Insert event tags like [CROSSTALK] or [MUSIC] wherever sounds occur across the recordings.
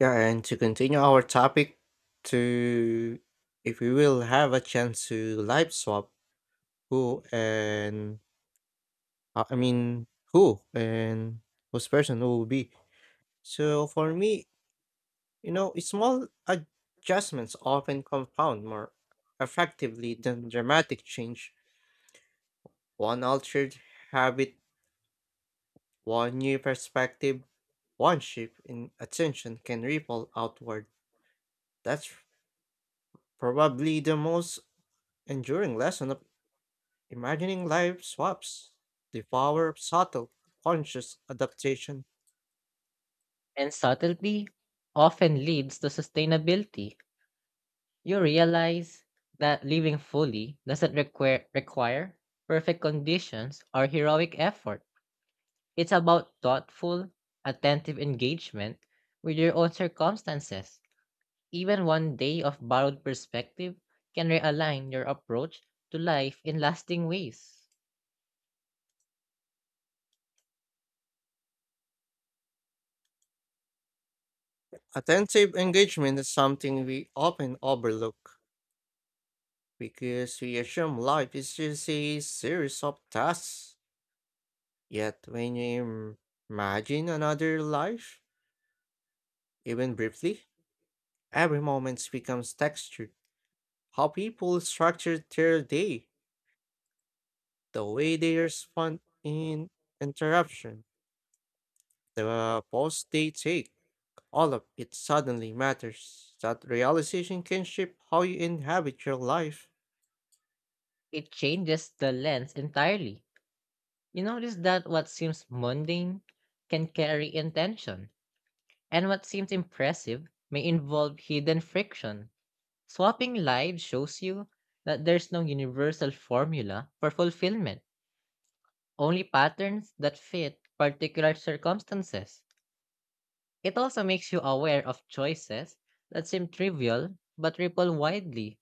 Yeah, and to continue our topic, to if we will have a chance to live swap who and who and whose person will be. So for me, small adjustments often compound more effectively than dramatic change. One altered habit, one new perspective, one shift in attention can ripple outward. That's probably the most enduring lesson of imagining life swaps, the power of subtle, conscious adaptation. And subtlety often leads to sustainability. You realize that living fully doesn't require perfect conditions or heroic effort. It's about thoughtful, attentive engagement with your own circumstances. Even one day of borrowed perspective can realign your approach to life in lasting ways. Attentive engagement is something we often overlook because we assume life is just a series of tasks. Yet, when you imagine another life, even briefly, every moment becomes textured. How people structure their day, the way they respond in interruption, the pause they take, all of it suddenly matters. That realization can shape how you inhabit your life. It changes the lens entirely. You notice that what seems mundane can carry intention. And what seems impressive may involve hidden friction. Swapping lives shows you that there's no universal formula for fulfillment, only patterns that fit particular circumstances. It also makes you aware of choices that seem trivial but ripple widely.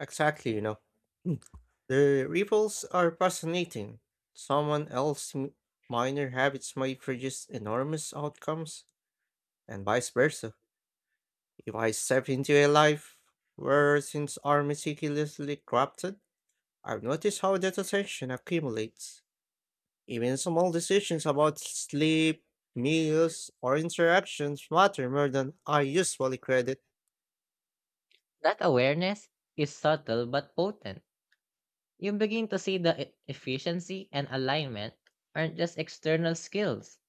Exactly, [CLEARS THROAT] Mm. The ripples are fascinating. Someone else's m- minor habits might produce enormous outcomes, and vice versa. If I step into a life where things are meticulously crafted, I've noticed how that attention accumulates. Even small decisions about sleep, meals, or interactions matter more than I usually credit. That awareness is subtle but potent. You begin to see that efficiency and alignment aren't just external skills,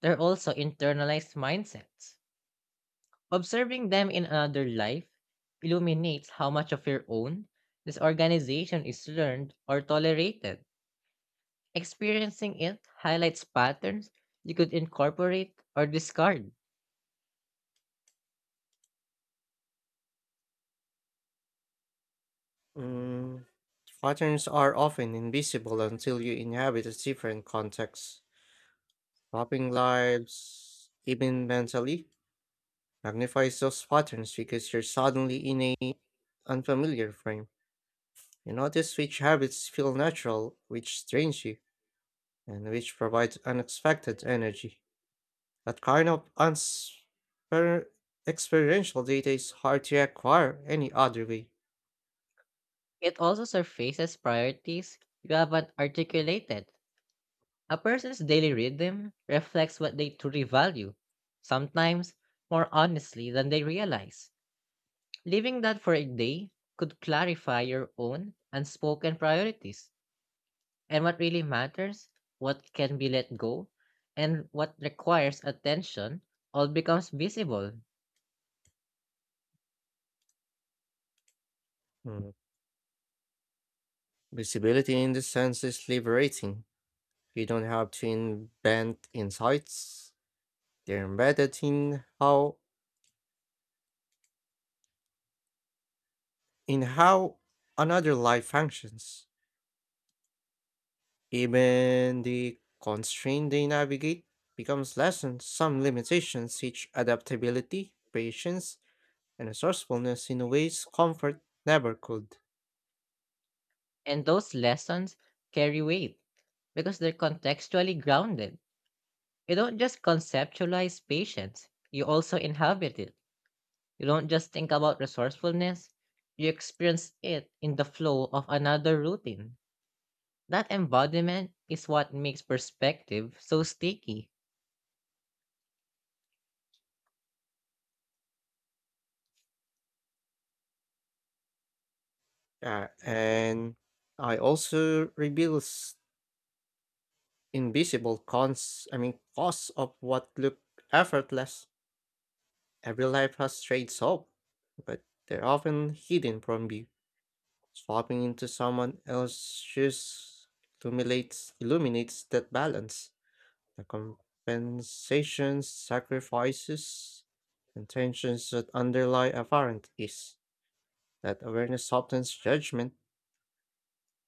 they're also internalized mindsets. Observing them in another life illuminates how much of your own this organization is learned or tolerated. Experiencing it highlights patterns you could incorporate or discard. Mm, patterns are often invisible until you inhabit a different context. Swapping lives, even mentally, magnifies those patterns because you're suddenly in a unfamiliar frame. You notice which habits feel natural, which strains you, and which provide unexpected energy. That kind of experiential data is hard to acquire any other way. It also surfaces priorities you haven't articulated. A person's daily rhythm reflects what they truly value, sometimes more honestly than they realize. Leaving that for a day could clarify your own unspoken priorities, and what really matters, what can be let go, and what requires attention all becomes visible. Mm. Visibility in the sense is liberating. You don't have to invent insights. They're embedded in how another life functions. Even the constraint they navigate becomes lessened. Some limitations teach adaptability, patience, and resourcefulness in ways comfort never could. And those lessons carry weight because they're contextually grounded. You don't just conceptualize patience, you also inhabit it. You don't just think about resourcefulness, you experience it in the flow of another routine. That embodiment is what makes perspective so sticky. And I also reveals invisible costs of what look effortless. Every life has traits of, but they're often hidden from view. Swapping into someone else's shoes illuminates that balance. The compensations, sacrifices, and tensions that underlie Avarant is that awareness softens judgment.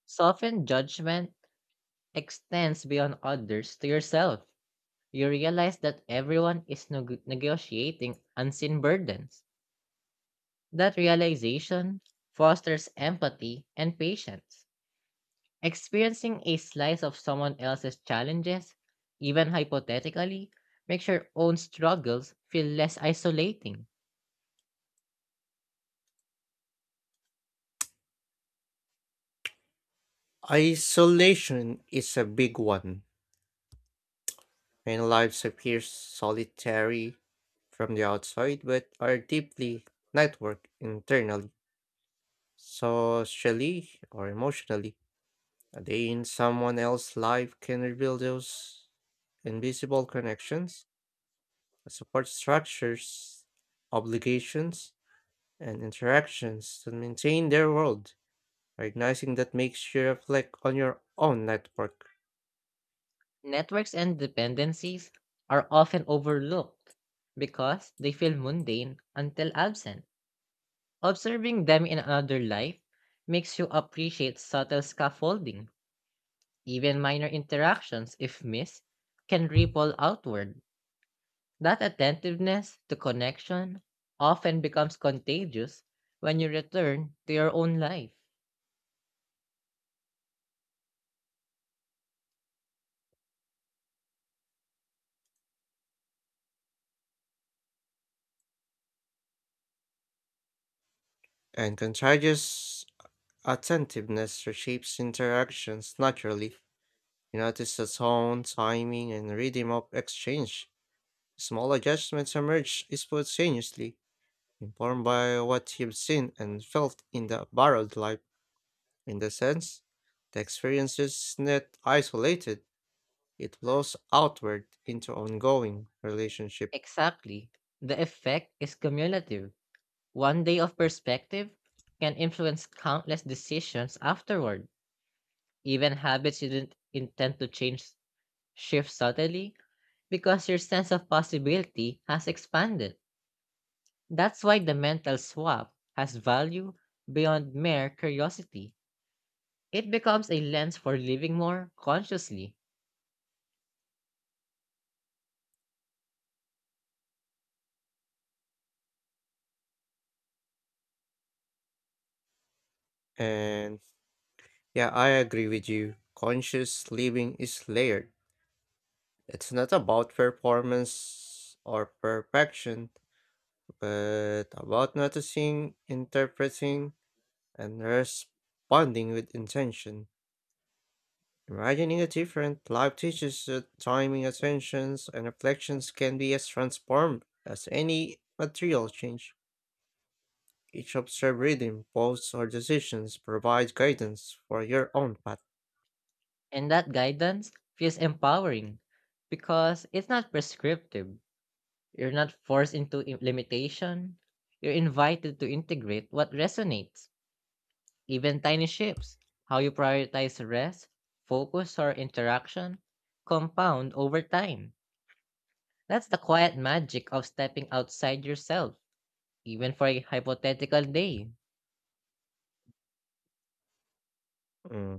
Softened judgment extends beyond others to yourself. You realize that everyone is negotiating unseen burdens. That realization fosters empathy and patience. Experiencing a slice of someone else's challenges, even hypothetically, makes your own struggles feel less isolating. Isolation is a big one. Many lives appear solitary from the outside, but are deeply networked internally, socially or emotionally. A day in someone else's life can reveal those invisible connections, support structures, obligations, and interactions to maintain their world. Recognizing that makes you reflect on your own network, Networks and dependencies are often overlooked because they feel mundane until absent. Observing them in another life makes you appreciate subtle scaffolding. Even minor interactions, if missed, can ripple outward. That attentiveness to connection often becomes contagious when you return to your own life. and contagious attentiveness reshapes interactions naturally. You notice the tone, timing, and rhythm of exchange. Small adjustments emerge spontaneously, informed by what you've seen and felt in the borrowed life. In the sense, the experience is not isolated, it flows outward into ongoing relationship. Exactly. The effect is cumulative. One day of perspective can influence countless decisions afterward. Even habits you didn't intend to change shift subtly because your sense of possibility has expanded. That's why the mental swap has value beyond mere curiosity. It becomes a lens for living more consciously, And yeah, I agree with you. Conscious living is layered. It's not about performance or perfection, but about noticing, interpreting, and responding with intention. Imagining a different life teaches that timing, attentions, and reflections can be as transformed as any material change. Each observed reading, posts, or decisions provides guidance for your own path. and that guidance feels empowering because it's not prescriptive. You're not forced into limitation. You're invited to integrate what resonates, even tiny shifts, how you prioritize rest, focus, or interaction compound over time. That's the quiet magic of stepping outside yourself, even for a hypothetical day. Mm.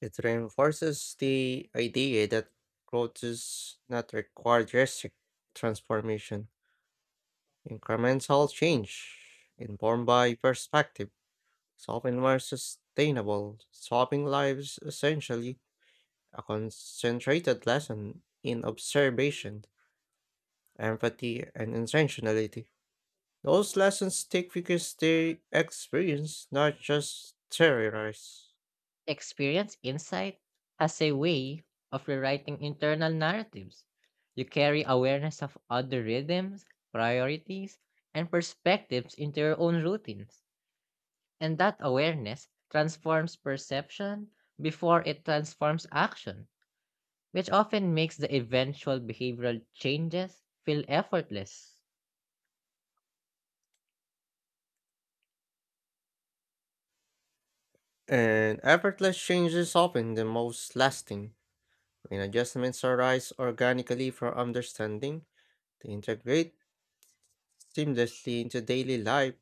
It reinforces the idea that growth does not require drastic transformation. Incremental change, informed by perspective, is often more sustainable, solving lives essentially a concentrated lesson in observation, empathy, and intentionality. Those lessons stick because they experience, not just theorize. Experience insight has a way of rewriting internal narratives. You carry awareness of other rhythms, priorities, and perspectives into your own routines. And that awareness transforms perception before it transforms action, which often makes the eventual behavioral changes feel effortless. And effortless change is often the most lasting. When adjustments arise organically from understanding, they integrate seamlessly into daily life.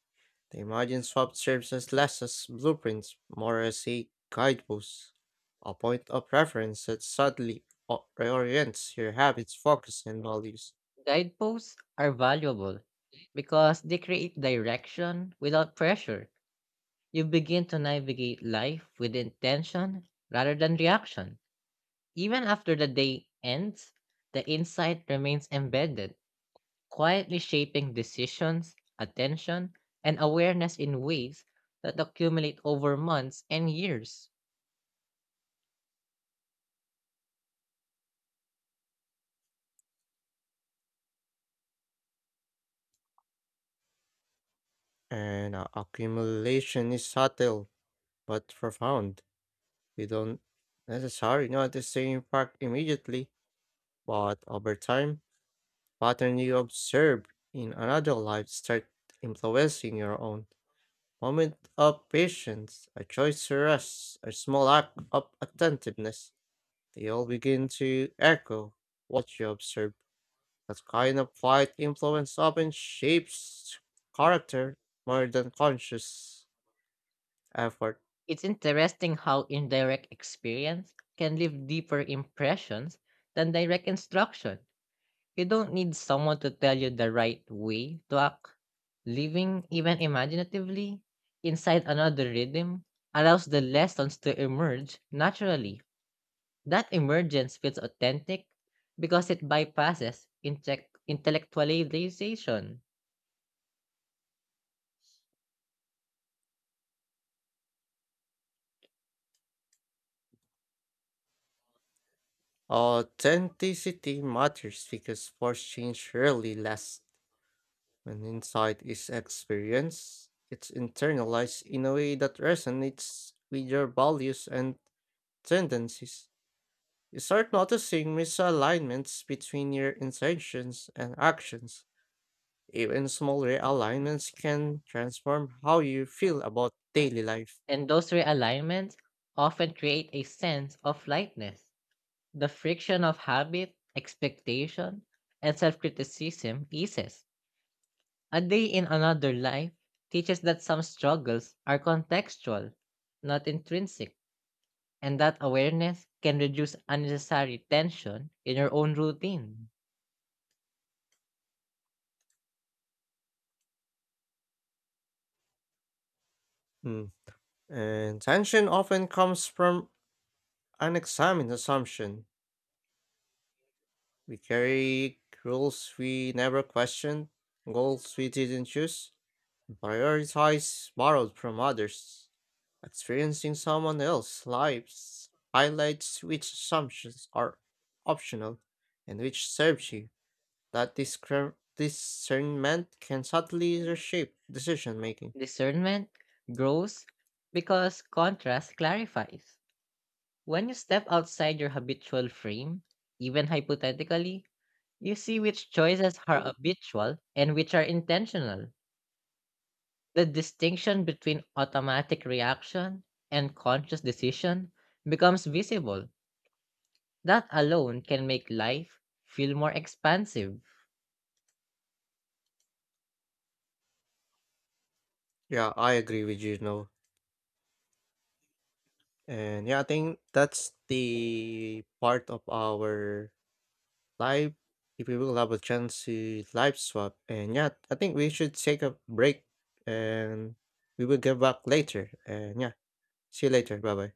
The Imagine swap serves as less as blueprints, more as a guidepost, a point of reference that subtly reorients your habits, focus, and values. Guideposts are valuable because they create direction without pressure. You begin to navigate life with intention rather than reaction. Even after the day ends, the insight remains embedded, quietly shaping decisions, attention, and awareness in ways that accumulate over months and years. And Accumulation is subtle but profound. You don't necessarily notice the impact immediately, but over time, pattern you observe in another life start influencing your own. Moment of patience, a choice to rest, a small act of attentiveness, they all begin to echo what you observe. That kind of quiet influence often shapes character more than conscious effort. It's interesting how indirect experience can leave deeper impressions than direct instruction. You don't need someone to tell you the right way to act. Living, even imaginatively, inside another rhythm allows the lessons to emerge naturally. That emergence feels authentic because it bypasses intellectualization, Authenticity matters because force change rarely lasts. When insight is experienced, it's internalized in a way that resonates with your values and tendencies. You start noticing misalignments between your intentions and actions. Even small realignments can transform how you feel about daily life. and those realignments often create a sense of lightness. The friction of habit, expectation, and self criticism eases. A Day in Another Life teaches that some struggles are contextual, not intrinsic, and that awareness can reduce unnecessary tension in your own routine. Mm. And tension often comes from unexamined assumption. We carry rules we never questioned, goals we didn't choose, and prioritize borrowed from others. Experiencing someone else's lives highlights which assumptions are optional and which serves you. That discernment can subtly reshape decision making. Discernment grows because contrast clarifies. When you step outside your habitual frame, even hypothetically, you see which choices are habitual and which are intentional. The distinction between automatic reaction and conscious decision becomes visible. That alone can make life feel more expansive. Yeah, I agree with you, no. And yeah, I think that's the part of our live if we will have a chance to live swap. And yeah, I think we should take a break and we will get back later. And yeah, see you later. Bye bye.